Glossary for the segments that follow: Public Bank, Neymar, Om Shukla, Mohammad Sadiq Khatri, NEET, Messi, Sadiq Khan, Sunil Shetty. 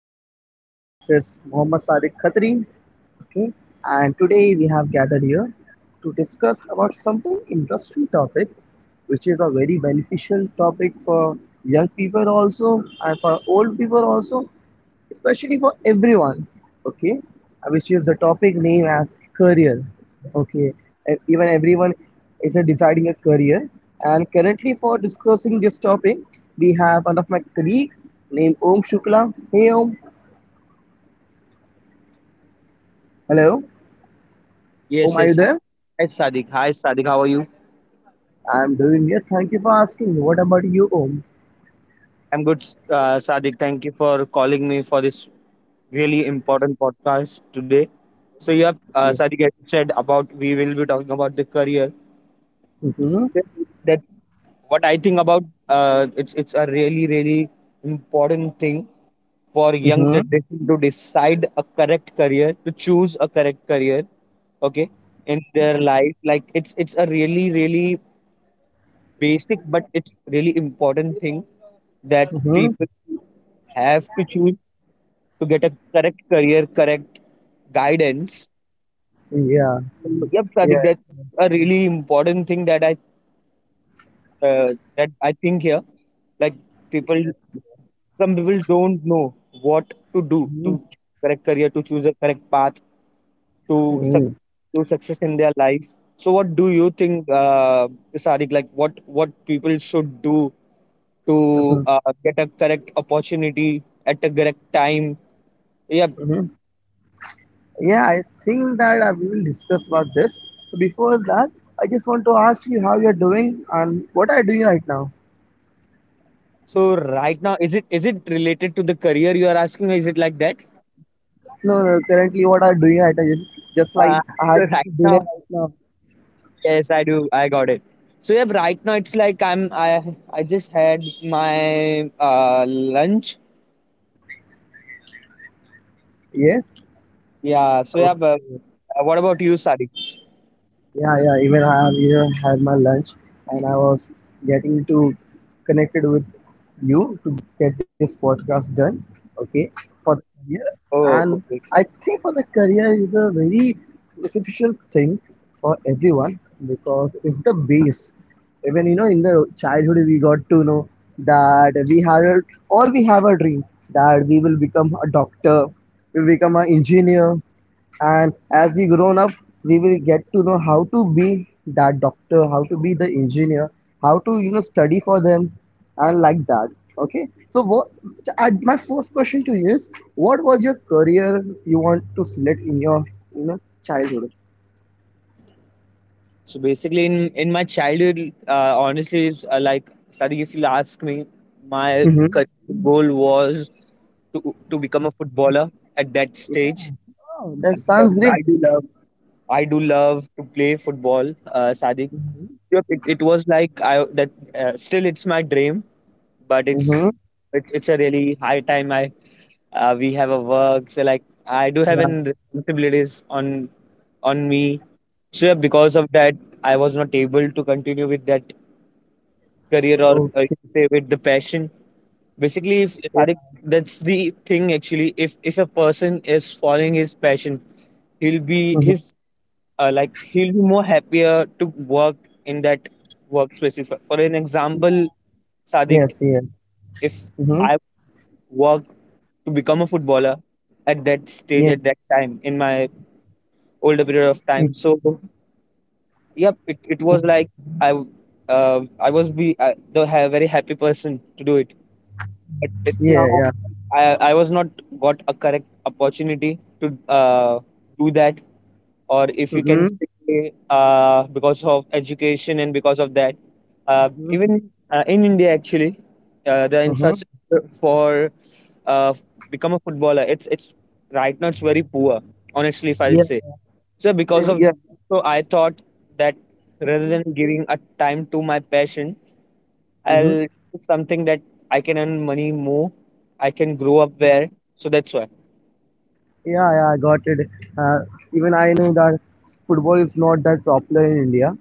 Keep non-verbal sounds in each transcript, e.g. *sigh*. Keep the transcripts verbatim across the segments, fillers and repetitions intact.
podcast. This is Mohammad Sadiq Khatri. Okay, and today we have gathered here to discuss about something interesting topic, which is a very beneficial topic for young people also and for old people also, especially for everyone. Okay. Uh, which is the topic name as career. Okay, and even everyone is uh, deciding a career, and currently for discussing this topic we have one of my colleague named Om Shukla. Hey Om, hello. Om, Yes, are you yes. there? Hi, Sadiq. Hi, Sadiq. How are you? I'm doing good, thank you for asking. What about you, Om? I'm good, uh, Sadiq. Thank you for calling me for this really important podcast today. So, yep, uh, Yeah. Sadiq, as you said about we will be talking about the career. Mm-hmm. That what I think about. Uh, it's it's a really really important thing for young Mm-hmm. generation to decide a correct career, to choose a correct career. Okay, in their life, like it's it's a really really basic but it's really important thing that Mm-hmm. people have to choose to get a correct career, correct guidance. Yeah. So, yep, Sadiq, Yes. that's a really important thing that I uh, that I think here. Like people, Yes. some people don't know what to do Mm-hmm. to correct career, to choose a correct path, to suc Mm-hmm. to success in their life. So, what do you think, uh, Sadiq? Like, what what people should do to uh, get a correct opportunity at a correct time? Yeah, Mm-hmm. Yeah, I think that uh, we will discuss about this. So before that, I just want to ask you how you're doing and what are you doing right now? so right now, is it is it related to the career you are asking, or is it like that? No, no, currently what are you doing right now? Just just like Uh, I *laughs* had so right just dinner now, right now. yes, I do. I got it. So yeah, right now it's like I'm I I just had my uh, lunch. Yes. Yeah. So yeah, but Okay. uh, what about you, Sadiq? Yeah, yeah. Even I have even had my lunch, and I was getting to connected with you to get this podcast done. Okay, Oh, for the okay. career, and I think for the career is a very beneficial thing for everyone because it's the base. Even you know, in the childhood, we got to know that we had a, or we have a dream that we will become a doctor, we become an engineer, and as we grown up we will get to know how to be that doctor, how to be the engineer, how to you know study for them and like that. Okay, so what I, my first question to you is what was your career you want to select in your you know childhood. So basically, in in my childhood, uh, honestly, it's, uh, like Sadiq, if you ask me, my Mm-hmm. career goal was to to become a footballer at that Yeah, stage. oh, that Because sounds great. I do love I do love to play football, uh, Sadiq. Mm-hmm. Yep. It, it was like I that uh, still it's my dream, but it's Mm-hmm. it's it's a really high time. I uh, We have a work, so like I do have Yeah. an responsibilities on on me. So yeah, because of that, I was not able to continue with that career or Okay. uh, you can say with the passion. Basically, if Yeah. Sadiq, that's the thing actually. If if a person is following his passion, he'll be Mm-hmm. his uh, like he'll be more happier to work in that workspace. If, for an example, Yes. Sadiq, Yeah. if Mm-hmm. I work to become a footballer at that Yeah. stage at that time in my older period of Mm-hmm. time, so yep, it, it was like I, uh, I was be uh, the ha- very happy person to do it but it's Yeah, yeah. now I, I was not got a correct opportunity to uh, do that or if you Mm-hmm. can say uh, because of education and because of that uh, Mm-hmm. even uh, in India actually, uh, the Mm-hmm. infrastructure for uh, become a footballer it's it's right now it's very poor honestly if I'll Yeah, say. So because yeah. of Yeah. so I thought that rather than giving a time to my passion, Mm-hmm. I'll it's something that I can earn money more. I can grow up there. So that's why. Yeah, yeah, I got it. Uh, even I know that football is not that popular in India.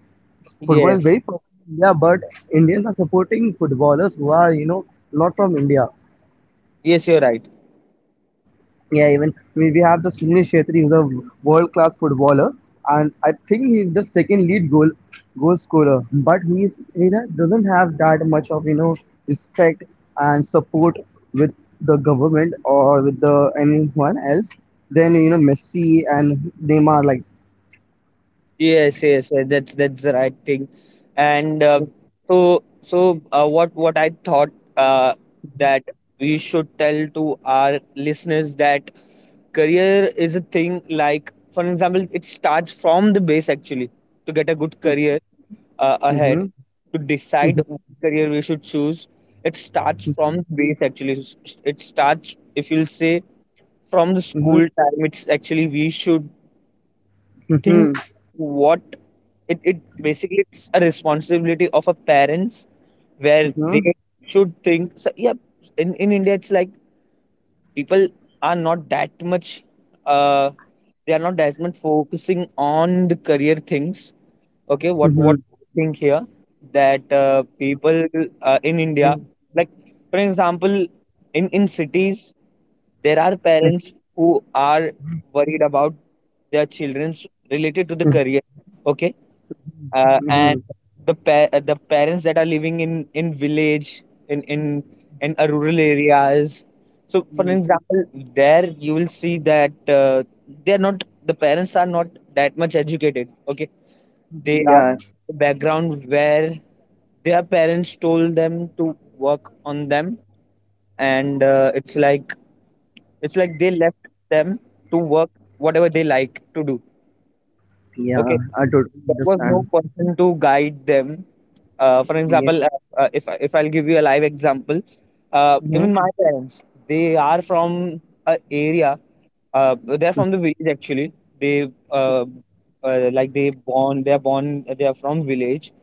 Football is Yes. very popular in India, but Indians are supporting footballers who are, you know, not from India. Yes, you're right. Yeah, even we, we have the Sunil Shetty, who's a world-class footballer, and I think he's the second lead goal goal scorer. But he's he doesn't have that much of you know respect and support with the government or with the anyone else. Then you know Messi and Neymar like. Yes, yes, yes, that's that's the right thing. And uh, so so uh, what what I thought uh, that we should tell to our listeners that career is a thing like for example it starts from the base actually to get a good Mhm, career, uh, ahead, mhm, to decide what mhm, career we should choose. It starts mhm, from base actually. It starts if you'll say from the mhm, school time. It's actually we should think mhm, what, it, it basically it's a responsibility of a parents where mhm, they should think. So yeah, in in India it's like people are not that much. Uh, they are not as much focusing on the career things. Okay, what mhm, what think here that uh, people uh, in India, like for example in in cities, there are parents who are worried about their children's related to the mhm, career. mhm, Okay, uh, and mhm, the pa- uh, the parents that are living in in village in in in a rural areas, so for an mhm. example, there you will see that uh, they are not, the parents are not that much educated. Okay, they are Yeah, the background where their parents told them to work on them, and uh, it's like it's like they left them to work whatever they like to do. yeah, Okay, I totally there was no understand. person to guide them. Uh, for Yeah. example, uh, uh, if I- if I'll give you a live example, uh, Mm-hmm. even my parents, they are from a area, uh, they're from the village actually. They uh, uh, like they born. They are born. They are from village,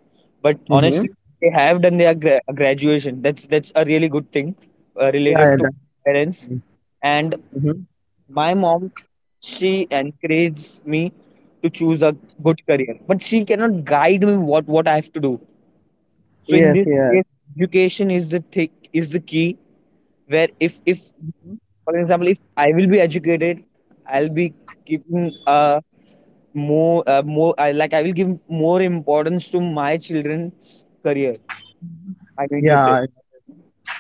but Mm-hmm. honestly, they have done their gra- graduation. That's that's a really good thing uh, related Yeah, yeah, to that's the parents. thing. And Mhm. my mom, she encourages me to choose a good career, but she cannot guide me what what I have to do. So in Yes, this yes. case, education is the thick is the key. Where if if for example, if I will be educated, I'll be giving uh, more, uh, more I, like I will give more importance to my children's career. I mean to say. Yeah,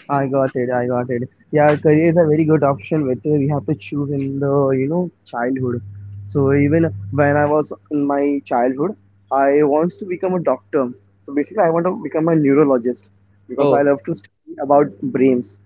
I got it. I got it. Yeah, career is a very good option which we have to choose in the you know childhood. So even when I was in my childhood, I wants to become a doctor. So basically, I want to become a neurologist because I Oh, love to study about brains.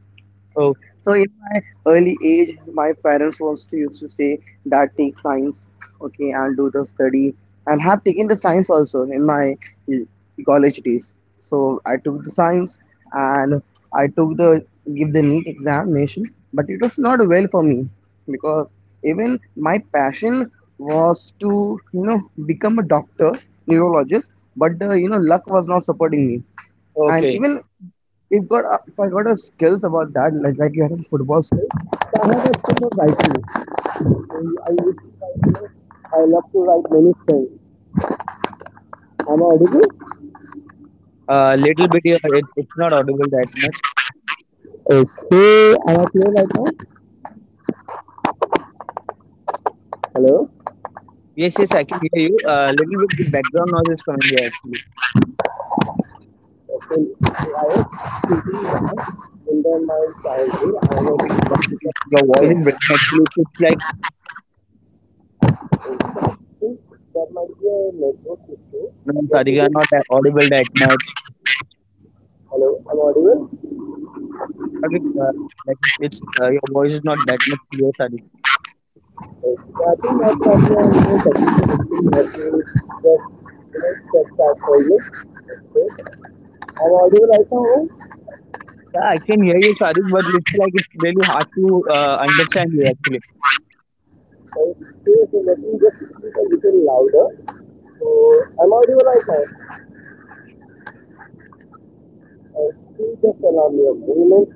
oh, So in my early age, my parents was to used to say that take science, okay, and do the study, and have taken the science also in my e- college days. So I took the science, and I took the give the neat examination, but it was not well for me because even my passion was to you know become a doctor, neurologist, but the you know luck was not supporting me. And okay. even if got a- if I got a skills about that, like like you had a football skill, so I have a skill of writing. I, I, used to write, you know, I love to write many things. Am I audible? A little bit, yeah, it, it's not audible that much. Okay, am I clear right now? Hello. Yes, yes, I can hear you. A little bit, the background noise is coming here actually. Okay. So I was under my childhood. I I think your was voice, your voice is breaking actually. It's like, think that might be a network issue. no, Let sorry, me you're not just that audible that much. hello. Am I audible? I mean, uh, like it's uh, your voice is not that much clear, sorry. Yes. So I think that might be a little technical issue. Let me just you know check that for you. Am I audible right now? Yeah, I can hear you, Sadiq, but it's like it's really hard to uh, understand you actually. Okay, so let me just speak a little louder. So I'm audible right now. Uh, please just allow me a moment.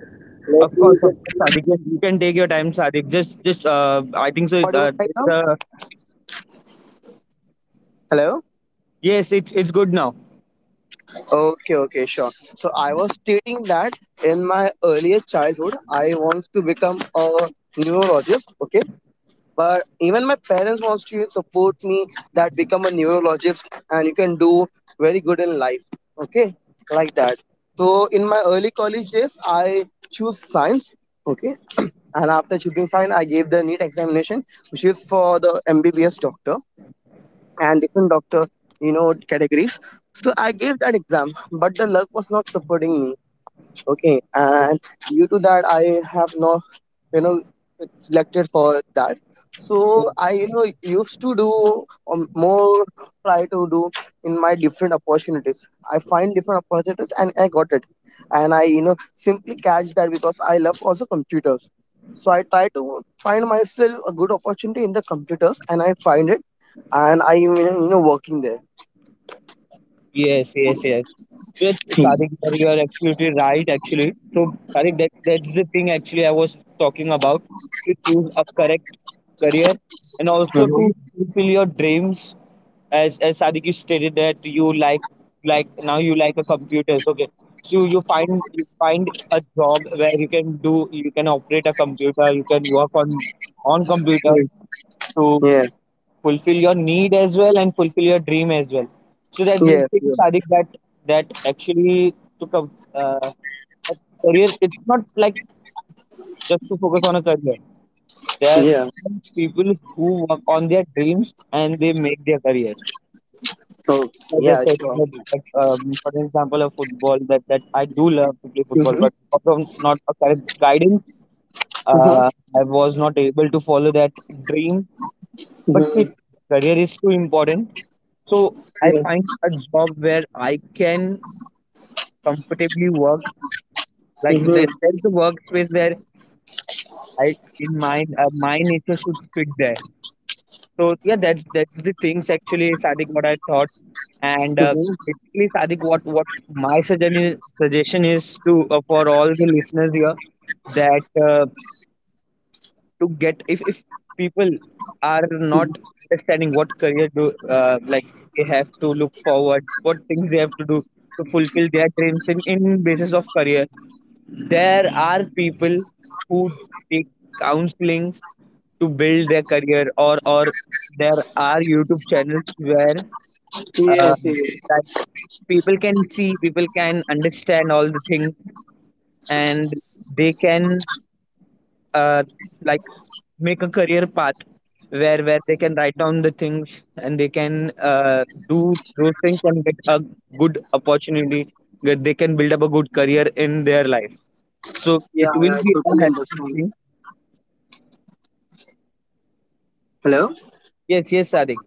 Let Of me course, of course, just. Sadiq, yes, you can take your time, Sadiq. Just, just, uh, I think so. Audible Uh, right now? it's, uh, Hello? yes, it's it's good now. Okay, okay, sure. So I was stating that in my earlier childhood, I want to become a neurologist. Okay, but even my parents wants to support me that become a neurologist and you can do very good in life. Okay, like that. So in my early college days I choose science. Okay, and after choosing science I gave the NEET examination, which is for the mbbs doctor and different doctor you know categories. So I gave that exam but the luck was not supporting me. Okay, and due to that I have not you know selected for that. So I you know used to do um, more try to do in my different opportunities. I find different opportunities and I got it, and I you know simply catch that because I love also computers. So I try to find myself a good opportunity in the computers and I find it, and I you know you know, working there. Yes, yes, yes. So it- *laughs* Sadiq, sir, you are absolutely right, actually. So, Sadiq, that, that's the thing actually I was talking about to choose a correct career and also to Mhm. fulfill your dreams. As as Sadiq you stated that you like like now you like a computers, okay. So you find you find a job where you can do, you can operate a computer, you can work on on computer Right. to Yeah, fulfill your need as well and fulfill your dream as well. So that's the yeah, thing, yeah. Sadiq, that that actually took a, uh, a career. It's not like just to focus on a career. There are Yeah. people who work on their dreams and they make their career. So As I yeah, said, sure. that, like, um, for example, of football that that I do love to play football, Mm-hmm. but because of not a correct guidance, Mm-hmm. uh, I was not able to follow that dream but fit Mm-hmm. career is too important so I Yeah. find a job where I can comfortably work, like there, Mm-hmm. there's a workspace where I in mind, uh, my nature should fit there. So yeah, that's that's the things actually Sadik what I thought. And uh, basically Sadik, what what my suggestion is, suggestion is to uh, for all the listeners here, that uh, to get if if people are not understanding what career do, uh, like they have to look forward what things they have to do to fulfill their dreams in in basis of career. There are people who take counselings to build their career, or or there are YouTube channels where Yes, yes. um, like people can see, people can understand all the things, and they can uh, like make a career path where where they can write down the things and they can uh, do those things and get a good opportunity that they can build up a good career in their life, so Yeah, it will I be a totally happy understand. thing. Hello? Yes, yes, Sadik.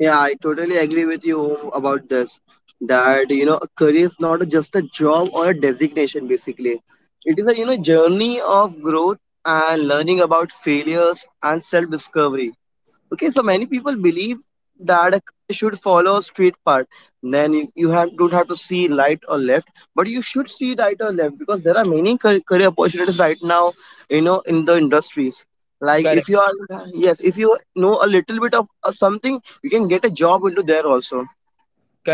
Yeah, I totally agree with you about this. That, you know, a career is not just a job or a designation, basically. It is a, you know, journey of growth and learning about failures and self discovery. Okay, so many people believe that a car should follow a straight path, then you, you have don't have to see right or left, but you should see right or left because there are many car- career opportunities right now you know in the industries. Like Correct, if you are yes if you know a little bit of uh, something you can get a job into there also.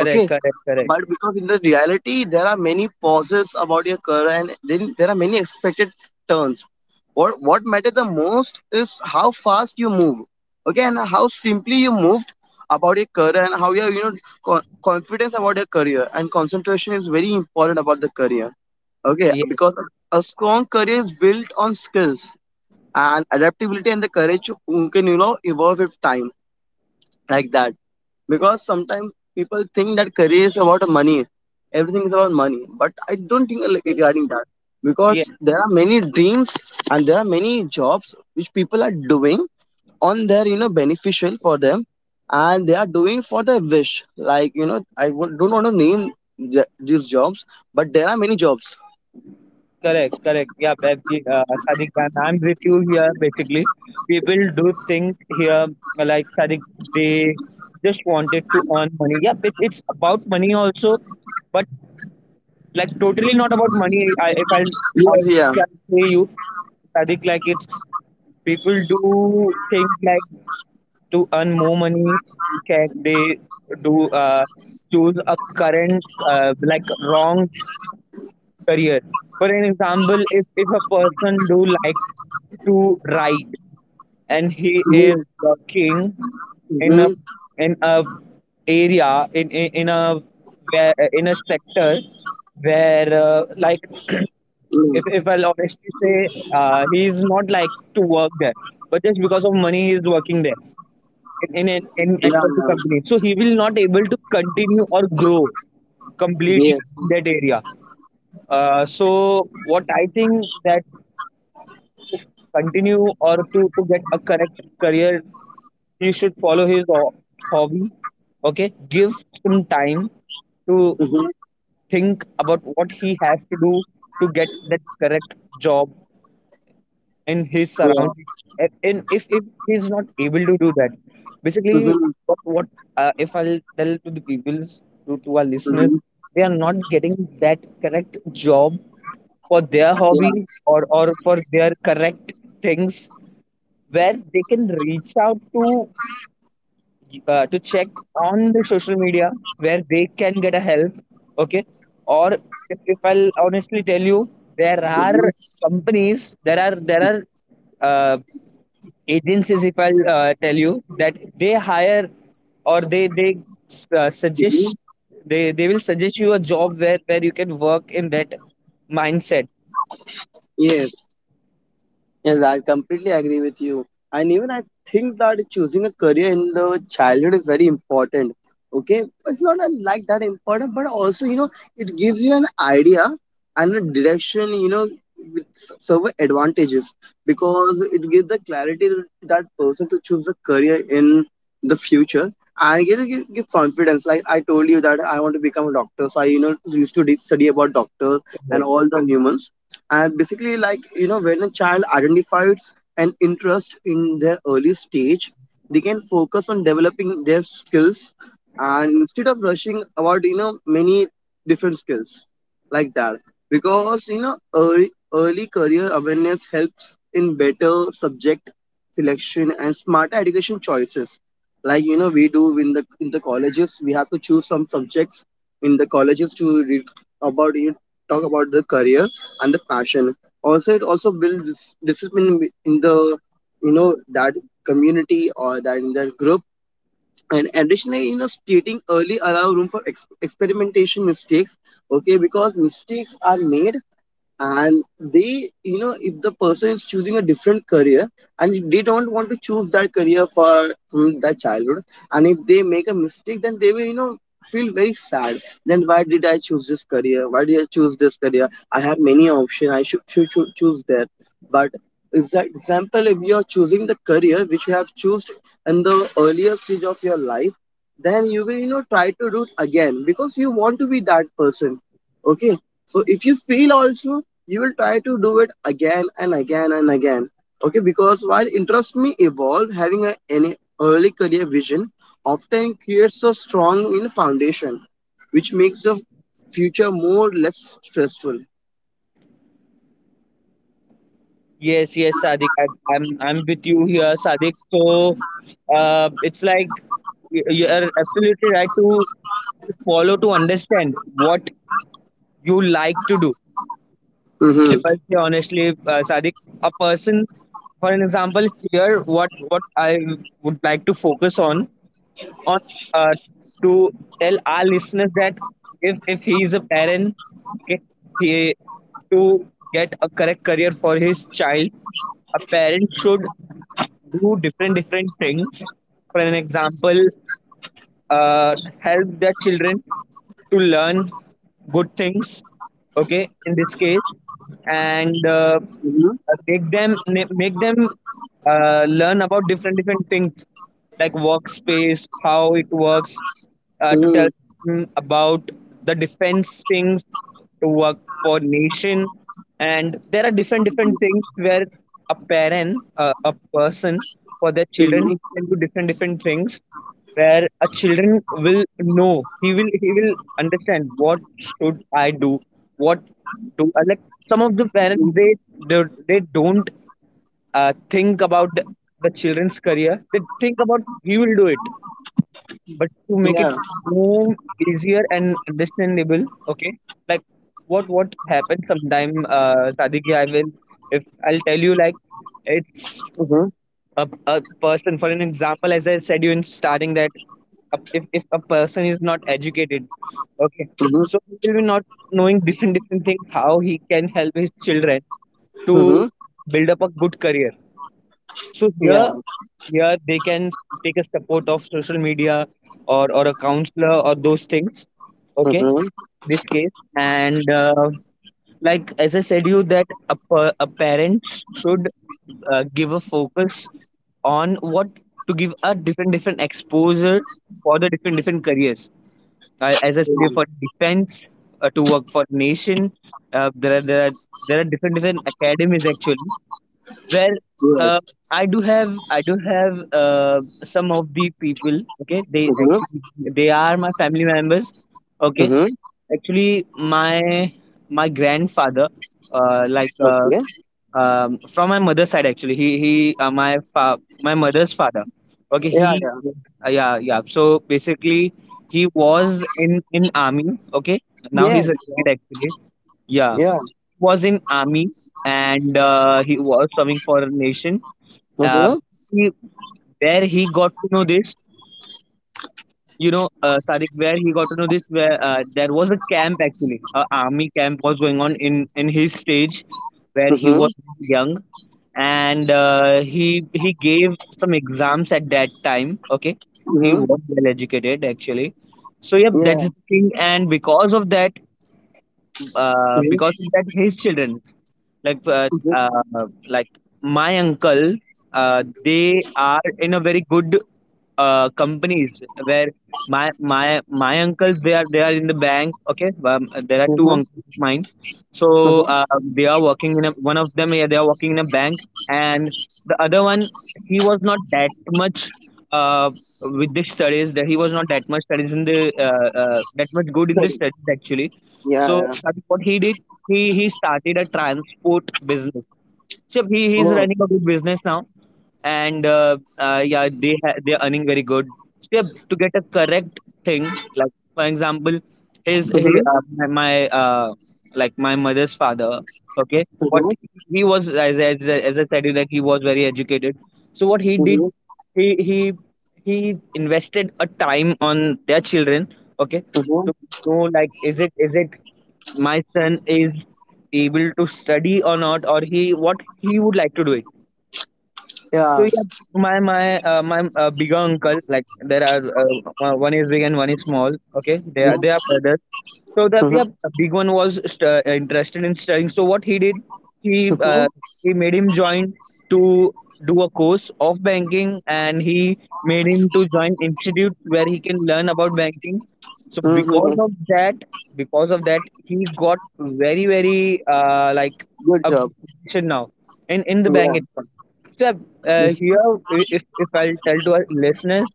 Okay, correct, correct. but because in the reality there are many pauses about your career and then there are many expected turns, what what matters the most is how fast you move. Okay, and how simply you moved about your career and how your you know co- confidence about your career and concentration is very important about the career. Okay, Yes, because a strong career is built on skills and adaptability and the courage who can you know evolve with time, like that. Because sometimes people think that career is about money, everything is about money, but I don't think like regarding that, because yes. there are many dreams and there are many jobs which people are doing on their you know beneficial for them, and they are doing for their wish like you know I w- don't want to name the, these jobs, but there are many jobs. Correct, correct. Yeah, Bev, uh, Sadiq Khan, I'm with you here. Basically, people do think here uh, like Sadiq, they just wanted to earn money. Yeah, it, it's about money also, but like totally not about money. I, if I Yeah, yeah. honestly can say you, Sadiq, like it's people do think like to earn more money, you can they do uh, choose a current uh, like wrong career. For an example, if, if a person do like to write, and he is working in a Mm-hmm. in a area in in, in a where in a sector where uh, like Hmm. if, if I'll honestly say uh, he's not like to work there but just because of money he's working there in in, in, Yeah, in any of yeah. the company, so he will not able to continue or grow completely Yes. in that area. Uh, so what I think that continue or to, to get a correct career, he should follow his ho- hobby. Okay, give him time to Mm-hmm. think about what he has to do to get that correct job in his Yeah. surroundings. And and if, if he's not able to do that, basically, Mm-hmm. what, what uh, if I'll tell to the people, to, to our listeners, Mm-hmm. they are not getting that correct job for their Yeah. hobby or, or for their correct things where they can reach out to uh, to check on the social media where they can get a help. Okay. Or if, if I'll honestly tell you there are Mm-hmm. companies, there are there are uh, agencies, if I'll uh, tell you, that they hire or they they uh, suggest, Mm-hmm. they they will suggest you a job where where you can work in that mindset. Yes. Yes, I completely agree with you. And even I think that choosing a career in the childhood is very important. Okay, it's not uh, like that important, but also you know it gives you an idea and a direction. You know, with s- several advantages because it gives the clarity to that person to choose a career in the future and give, give, give confidence. Like I told you that I want to become a doctor, so I you know used to de- study about doctors and all the humans. And basically like you know when a child identifies an interest in their early stage they can focus on developing their skills, and instead of rushing about you know many different skills like that. Because you know early, early career awareness helps in better subject selection and smarter education choices. Like you know we do in the in the colleges we have to choose some subjects in the colleges to read about it, talk about the career and the passion. Also it also builds this discipline in the you know that community or that in that group. And additionally you know stating early allow room for ex- experimentation mistakes. Okay, because mistakes are made, and they you know if the person is choosing a different career and they don't want to choose that career for from their childhood and if they make a mistake then they will you know feel very sad. Then why did I choose this career, why did I choose this career, I have many options, i should, should, should choose that. But if that example, if you are choosing the career which you have chosen in the earlier stage of your life, then you will you know try to do it again because you want to be that person. Okay, so if you fail also you will try to do it again and again and again. Okay, because while interest may evolve, having a, an early career vision often creates a strong in foundation which makes the future more or less stressful. Yes, yes, Sadik. I, I'm I'm with you here, Sadik. So uh, it's like y- you're absolutely right to follow to understand what you like to do. If Mm-hmm. I say honestly, uh, Sadik, a person, for an example, here what what I would like to focus on on uh, to tell our listeners that if if he is a parent, okay, he to get a correct career for his child, a parent should do different different things. For an example, uh, help their children to learn good things, okay, in this case, and uh, Mm-hmm. make them ma- make them uh, learn about different different things like workspace, how it works, uh, to tell them about the defense things, to work for nation. And there are different different things where a parent, uh, a person, for their children, Mm-hmm. he can do different different things where a children will know. He will, he will understand what should I do, what do uh, like some of the parents, Mm-hmm. they they, they don't uh, think about the, the children's career. They think about he will do it, but to make Yeah. it more easier and understandable, okay, like what what happened sometime, uh, Sadiq, I will, if I'll tell you, like, it's Mm-hmm. a, a person, for an example, as I said you in starting that a- if, if a person is not educated, okay, Mm-hmm. so he will be not knowing different different things, how he can help his children to Mm-hmm. build up a good career. So Yeah. here, here they can take a support of social media, or or a counselor, or those things. Okay, Mm-hmm. Yeah. this case. And. Uh, like as I said you, that a, pa- a parent should uh, give a focus on what, to give a different different exposure for the different different careers. Uh, as I said you, for defense, uh, to work for nation, uh, there are there are there are different different academies, actually. Well, uh, Yes. I do have, I do have uh, some of the people. Okay, they Mm-hmm. actually, they are my family members. Okay, Mm-hmm. actually my my grandfather, uh, like uh, Okay. um, from my mother's side. Actually he he uh, my fa- my mother's father. Okay, Yeah. he Yeah. uh, yeah, yeah. So basically, he was in in army. Okay, now he's Yes. a kid actually. Yeah, Yeah. was in army, and uh, he was serving for a nation. Mm-hmm. um, he, where he got to know this, you know, uh, Sadiq, where he got to know this, where uh, there was a camp actually. A army camp was going on in in his stage, where he Mm-hmm. was young. And uh, he he gave some exams at that time. Okay, he Mm-hmm. was well educated actually. So yeah, that's Yeah. the thing, and because of that, uh, Mm-hmm. because of that, his children, like uh, uh, like my uncle, uh, they are in a very good uh, companies, where my my my uncles, they are they are in the bank. Okay, um, there are two Mm-hmm. uncles of mine. So uh, Mm-hmm. they are working in a, one of them, yeah, they are working in a bank. And the other one, he was not that much uh, with the studies, that he was not that much studies in the uh, uh, that much good in the So, studies actually. yeah, So yeah. that is what he did, he he started a transport business. So he he's Oh. running a good business now. And uh, uh, yeah, they ha- they are earning very good. So yeah, to get a correct thing, like for example, his, he Mm-hmm. uh, my, my uh, like my mother's father. Okay, Mm-hmm. what he was, as as as I said, like he was very educated. So what he did, Mm-hmm. he he he invested a time on their children. Okay, Mm-hmm. to know, like, is it, is it my son is able to study or not, or he what he would like to do. So Yeah. yeah, my my uh, my uh, bigger uncle, like there are, uh, one, one is big and one is small. Okay, they are, they are Mm-hmm. brothers. So the, yeah, the big one was st- uh, interested in studying. So what he did, he uh, Mm-hmm. he made him join to do a course of banking, and he made him to join institute where he can learn about banking. So because Mm-hmm. of that, because of that, he got very very, uh, like, Good a good job. position now in in the bank Yeah. itself. So uh, here, if if I'll tell to our listeners,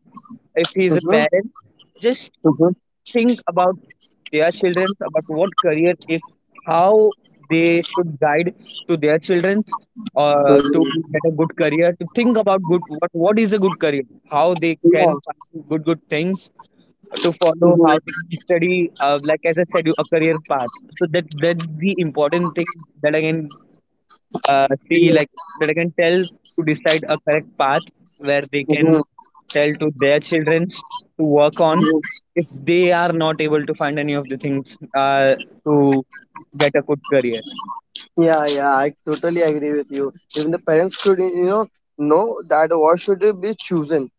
if he's a Mm-hmm. parent, just Mm-hmm. think about their children, about what career, if how they should guide to their children, uh, to Mm-hmm. get a good career. To think about good, what what is a good career, how they Yeah. can find good good things to follow, how they can study, uh, like as I said, you- a career path. So that that's the important thing, that I can uh, see, like, that I can tell, to decide a correct path where they Mm-hmm. can tell to their children to work on, if they are not able to find any of the things, uh, to get a good career. yeah, yeah, I totally agree with you. Even the parents should, you know, know that what should be chosen.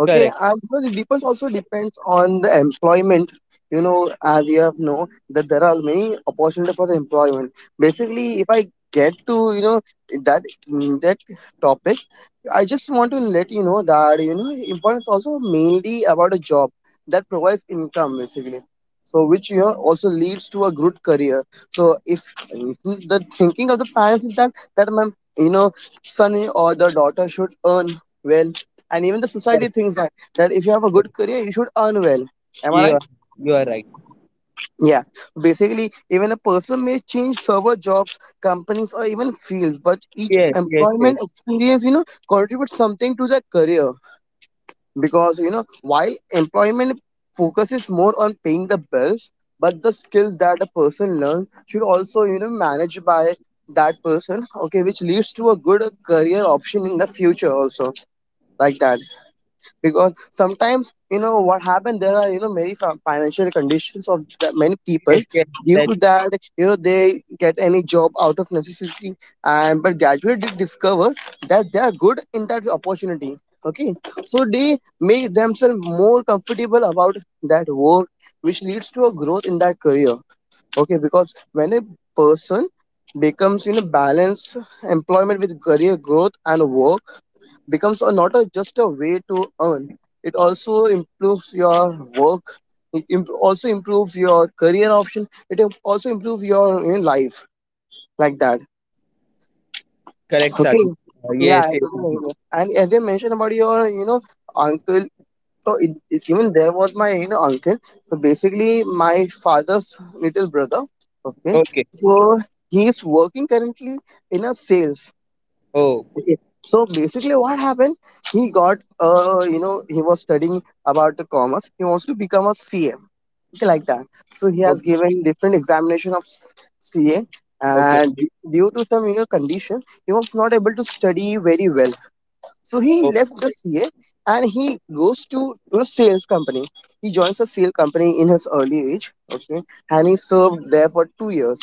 Okay, Correct. and because it depends also depends on the employment. You know, as you have know that there are many opportunity for the employment. Basically, if I get to you know that that topic. I just want to let you know that you know importance also mainly about a job that provides income basically. So which you know also leads to a good career. So if the thinking of the parents is that that my you know son or the daughter should earn well, and even the society Yes, thinks that that if you have a yes. good career you should earn well. Am I You right? are, you are right. Yeah. Basically, even a person may change several jobs, companies, or even fields, but each Yes, yes, yes, employment experience, you know, contributes something to their career because you know while employment focuses more on paying the bills, but the skills that a person learns should also you know managed by that person. Okay, which leads to a good career option in the future also, like that. Because sometimes you know what happened, there are you know many fi- financial conditions of the many people. yes, yes. Due That's to that you know they get any job out of necessity, and but gradually they discover that they are good in that opportunity. Okay, so they make themselves more comfortable about that work, which leads to a growth in that career. Okay, because when a person becomes you know balance employment with career growth and work becomes a, not a, just a way to earn. It also improves your work. It imp- also improves your career option. It im- also improves your you know, life, like that. correct, Okay. Sadiq. Uh, Yeah, Yes, I yes, totally Sadiq. agree. And as I mentioned about your, you know, uncle. So it, it, even there was my, you know, uncle. So basically, my father's little brother. Okay, Okay. so he is working currently in a sales. Oh, Okay. So basically, what happened? He got, uh, you know, he was studying about the commerce. He wants to become a C A, okay, like that. So he has okay, given different examination of s- C A, okay, and due to some, you know, condition, he was not able to study very well. So he oh, left the C A and he goes to, to a sales company. He joins a sales company in his early age, okay, and he served there for two years,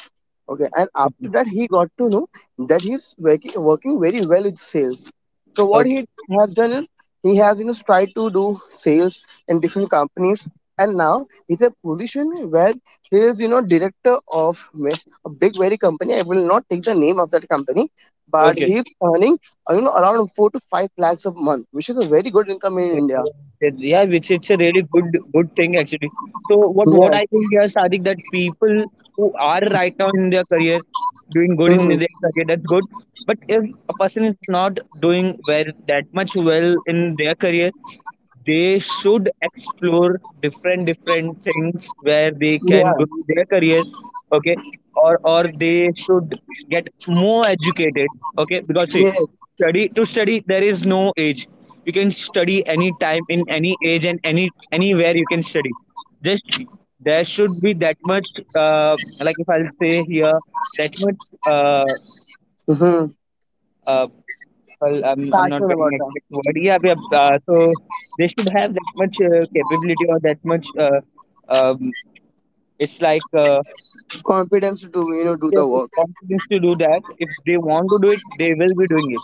okay. And after okay, that, he got to know that he's working, working very well with sales. So what okay, he has done is he has you know tried to do sales in different companies, and now he's a position where he is you know director of ma- a big very company. I will not take the name of that company, but okay. he's earning, I don't know, around four to five lakhs a month, which is a very good income in India. Yeah, it's it's a really good good thing actually. So what what Yeah. I think here, Sadik, that people who are right now in their career doing good in Mm. their career, that's good. But if a person is not doing well that much well in their career, they should explore different different things where they can Yeah. grow their career. Okay, or or they should get more educated. Okay, because see, Yes. study, to study there is no age. You can study any time, in any age, and any anywhere you can study. Just there should be that much, uh, like if I'll say here, that much, uh, Mm-hmm. uh, well, I'm, I'm not Passionate about getting that. exact word. Yeah, yeah, uh, so they should have that much uh, capability or that much, uh, um, it's like, uh, Confidence to do, you know, do the yes, if work. companies to do that, if they want to do it, they will be doing it.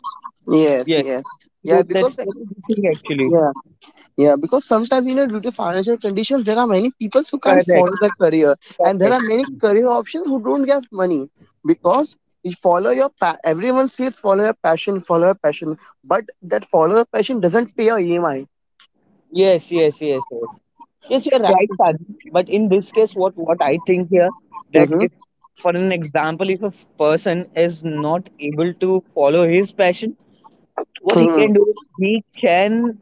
Yes. Yes, Yes. so Yeah. Because that's the key thing actually. yeah. Yeah. Because sometimes you know, due to financial conditions, there are many people who can't Correct. follow that career, and there Correct. are many career options who don't get money because. You follow your pa- everyone says follow your passion, follow your passion, but that follow your passion doesn't pay your E M I. Yes, yes, yes, yes. Yes, you're right, Yeah. Saji. But in this case, what what I think here, that Mm-hmm. if, for an example, if a person is not able to follow his passion, what he can do, Mm-hmm. is he can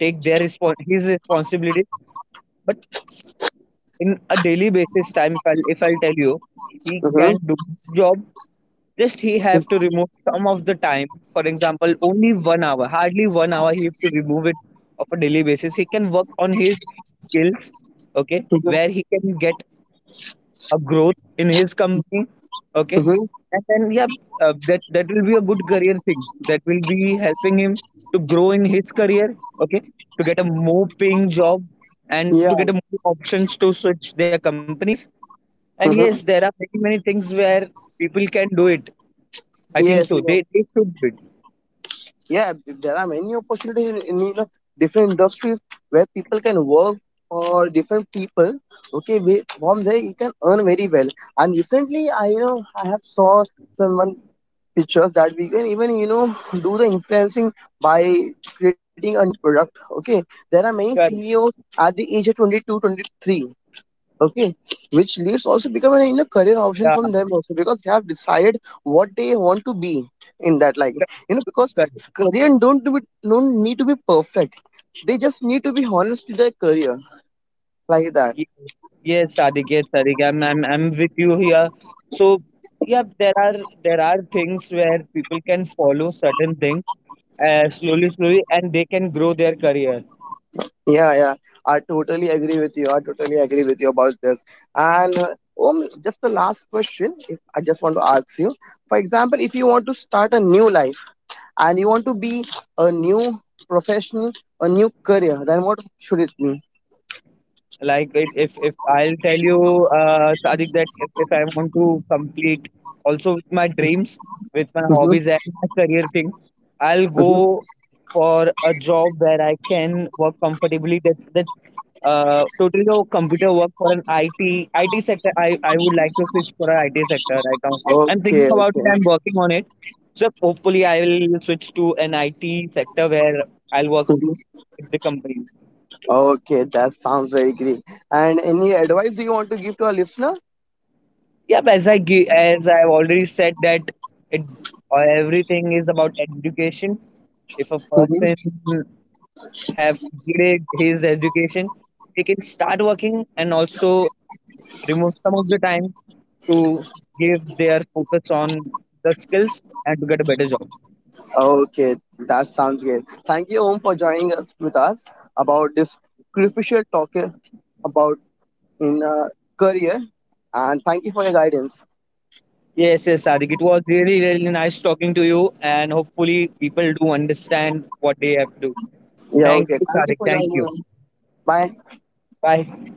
take their respon his responsibility. But in a daily basis time, if I'll if I'll tell you, he can do job. Just he have to remove some of the time. For example, only one hour, hardly one hour he have to remove it of a daily basis. He can work on his skills, okay, Mm-hmm. where he can get a growth in his company, okay, Hmm. and then yeah, uh, that that will be a good career thing. That will be helping him to grow in his career, okay, to get a more paying job and to Yeah. get a more options to switch their companies. And yes, Hmm. there are many many things where people can do it, I think Yes. too. You They know, they should be. yeah. If there are many opportunities in, in you know, different industries where people can work for different people. Okay, we, from there you can earn very well. And recently, I you know I have saw someone pictures that we can even you know do the influencing by creating a new product. Okay, there are many Correct. C E Os at the age of twenty-two, twenty-three. Okay, which leads also become an you know, career Yeah. option from them also, because they have decided what they want to be in that, like Correct. you know because Correct. career don't to be don't need to be perfect, they just need to be honest to their career, like that. Ye- Yes, Sadiq. Yes, Sadiq. I'm I'm I'm with you here. So yeah, there are, there are things where people can follow certain things, uh, slowly, slowly, and they can grow their career. Yeah, yeah, I totally agree with you. I totally agree with you about this. And uh, um, just the last question, if I just want to ask you, for example, if you want to start a new life and you want to be a new professional, a new career, then what should it be? Like it, if if I'll tell you, uh, Sadiq, that if, if I want to complete also with my dreams, with my Mm-hmm. hobbies and my career thing, I'll Mhm. go for a job where I can work comfortably. That's that's uh, totally a computer work for an I T I T sector. I I would like to switch for an I T sector right now. I'm thinking Okay, about it. okay. I'm working on it. So hopefully, I will switch to an I T sector where I'll work *laughs* Mhm. with the company. Okay, that sounds very great. And any advice do you want to give to our listener? Yep, as I gi- as I've already said, that it, uh, everything is about education. If a Mhm. person have completed his education, they can start working, and also remove some of the time to give their focus on the skills and to get a better job. Okay, that sounds great. Thank you, Om, for joining us with us about this crucial talk about in uh, career. And thank you for your guidance. Yes, yes, Sadiq. It was really, really nice talking to you, and hopefully people do understand what they have to. Yeah, Thank okay. you, Thank you Sadiq. for Thank joining you. us. Bye. Bye.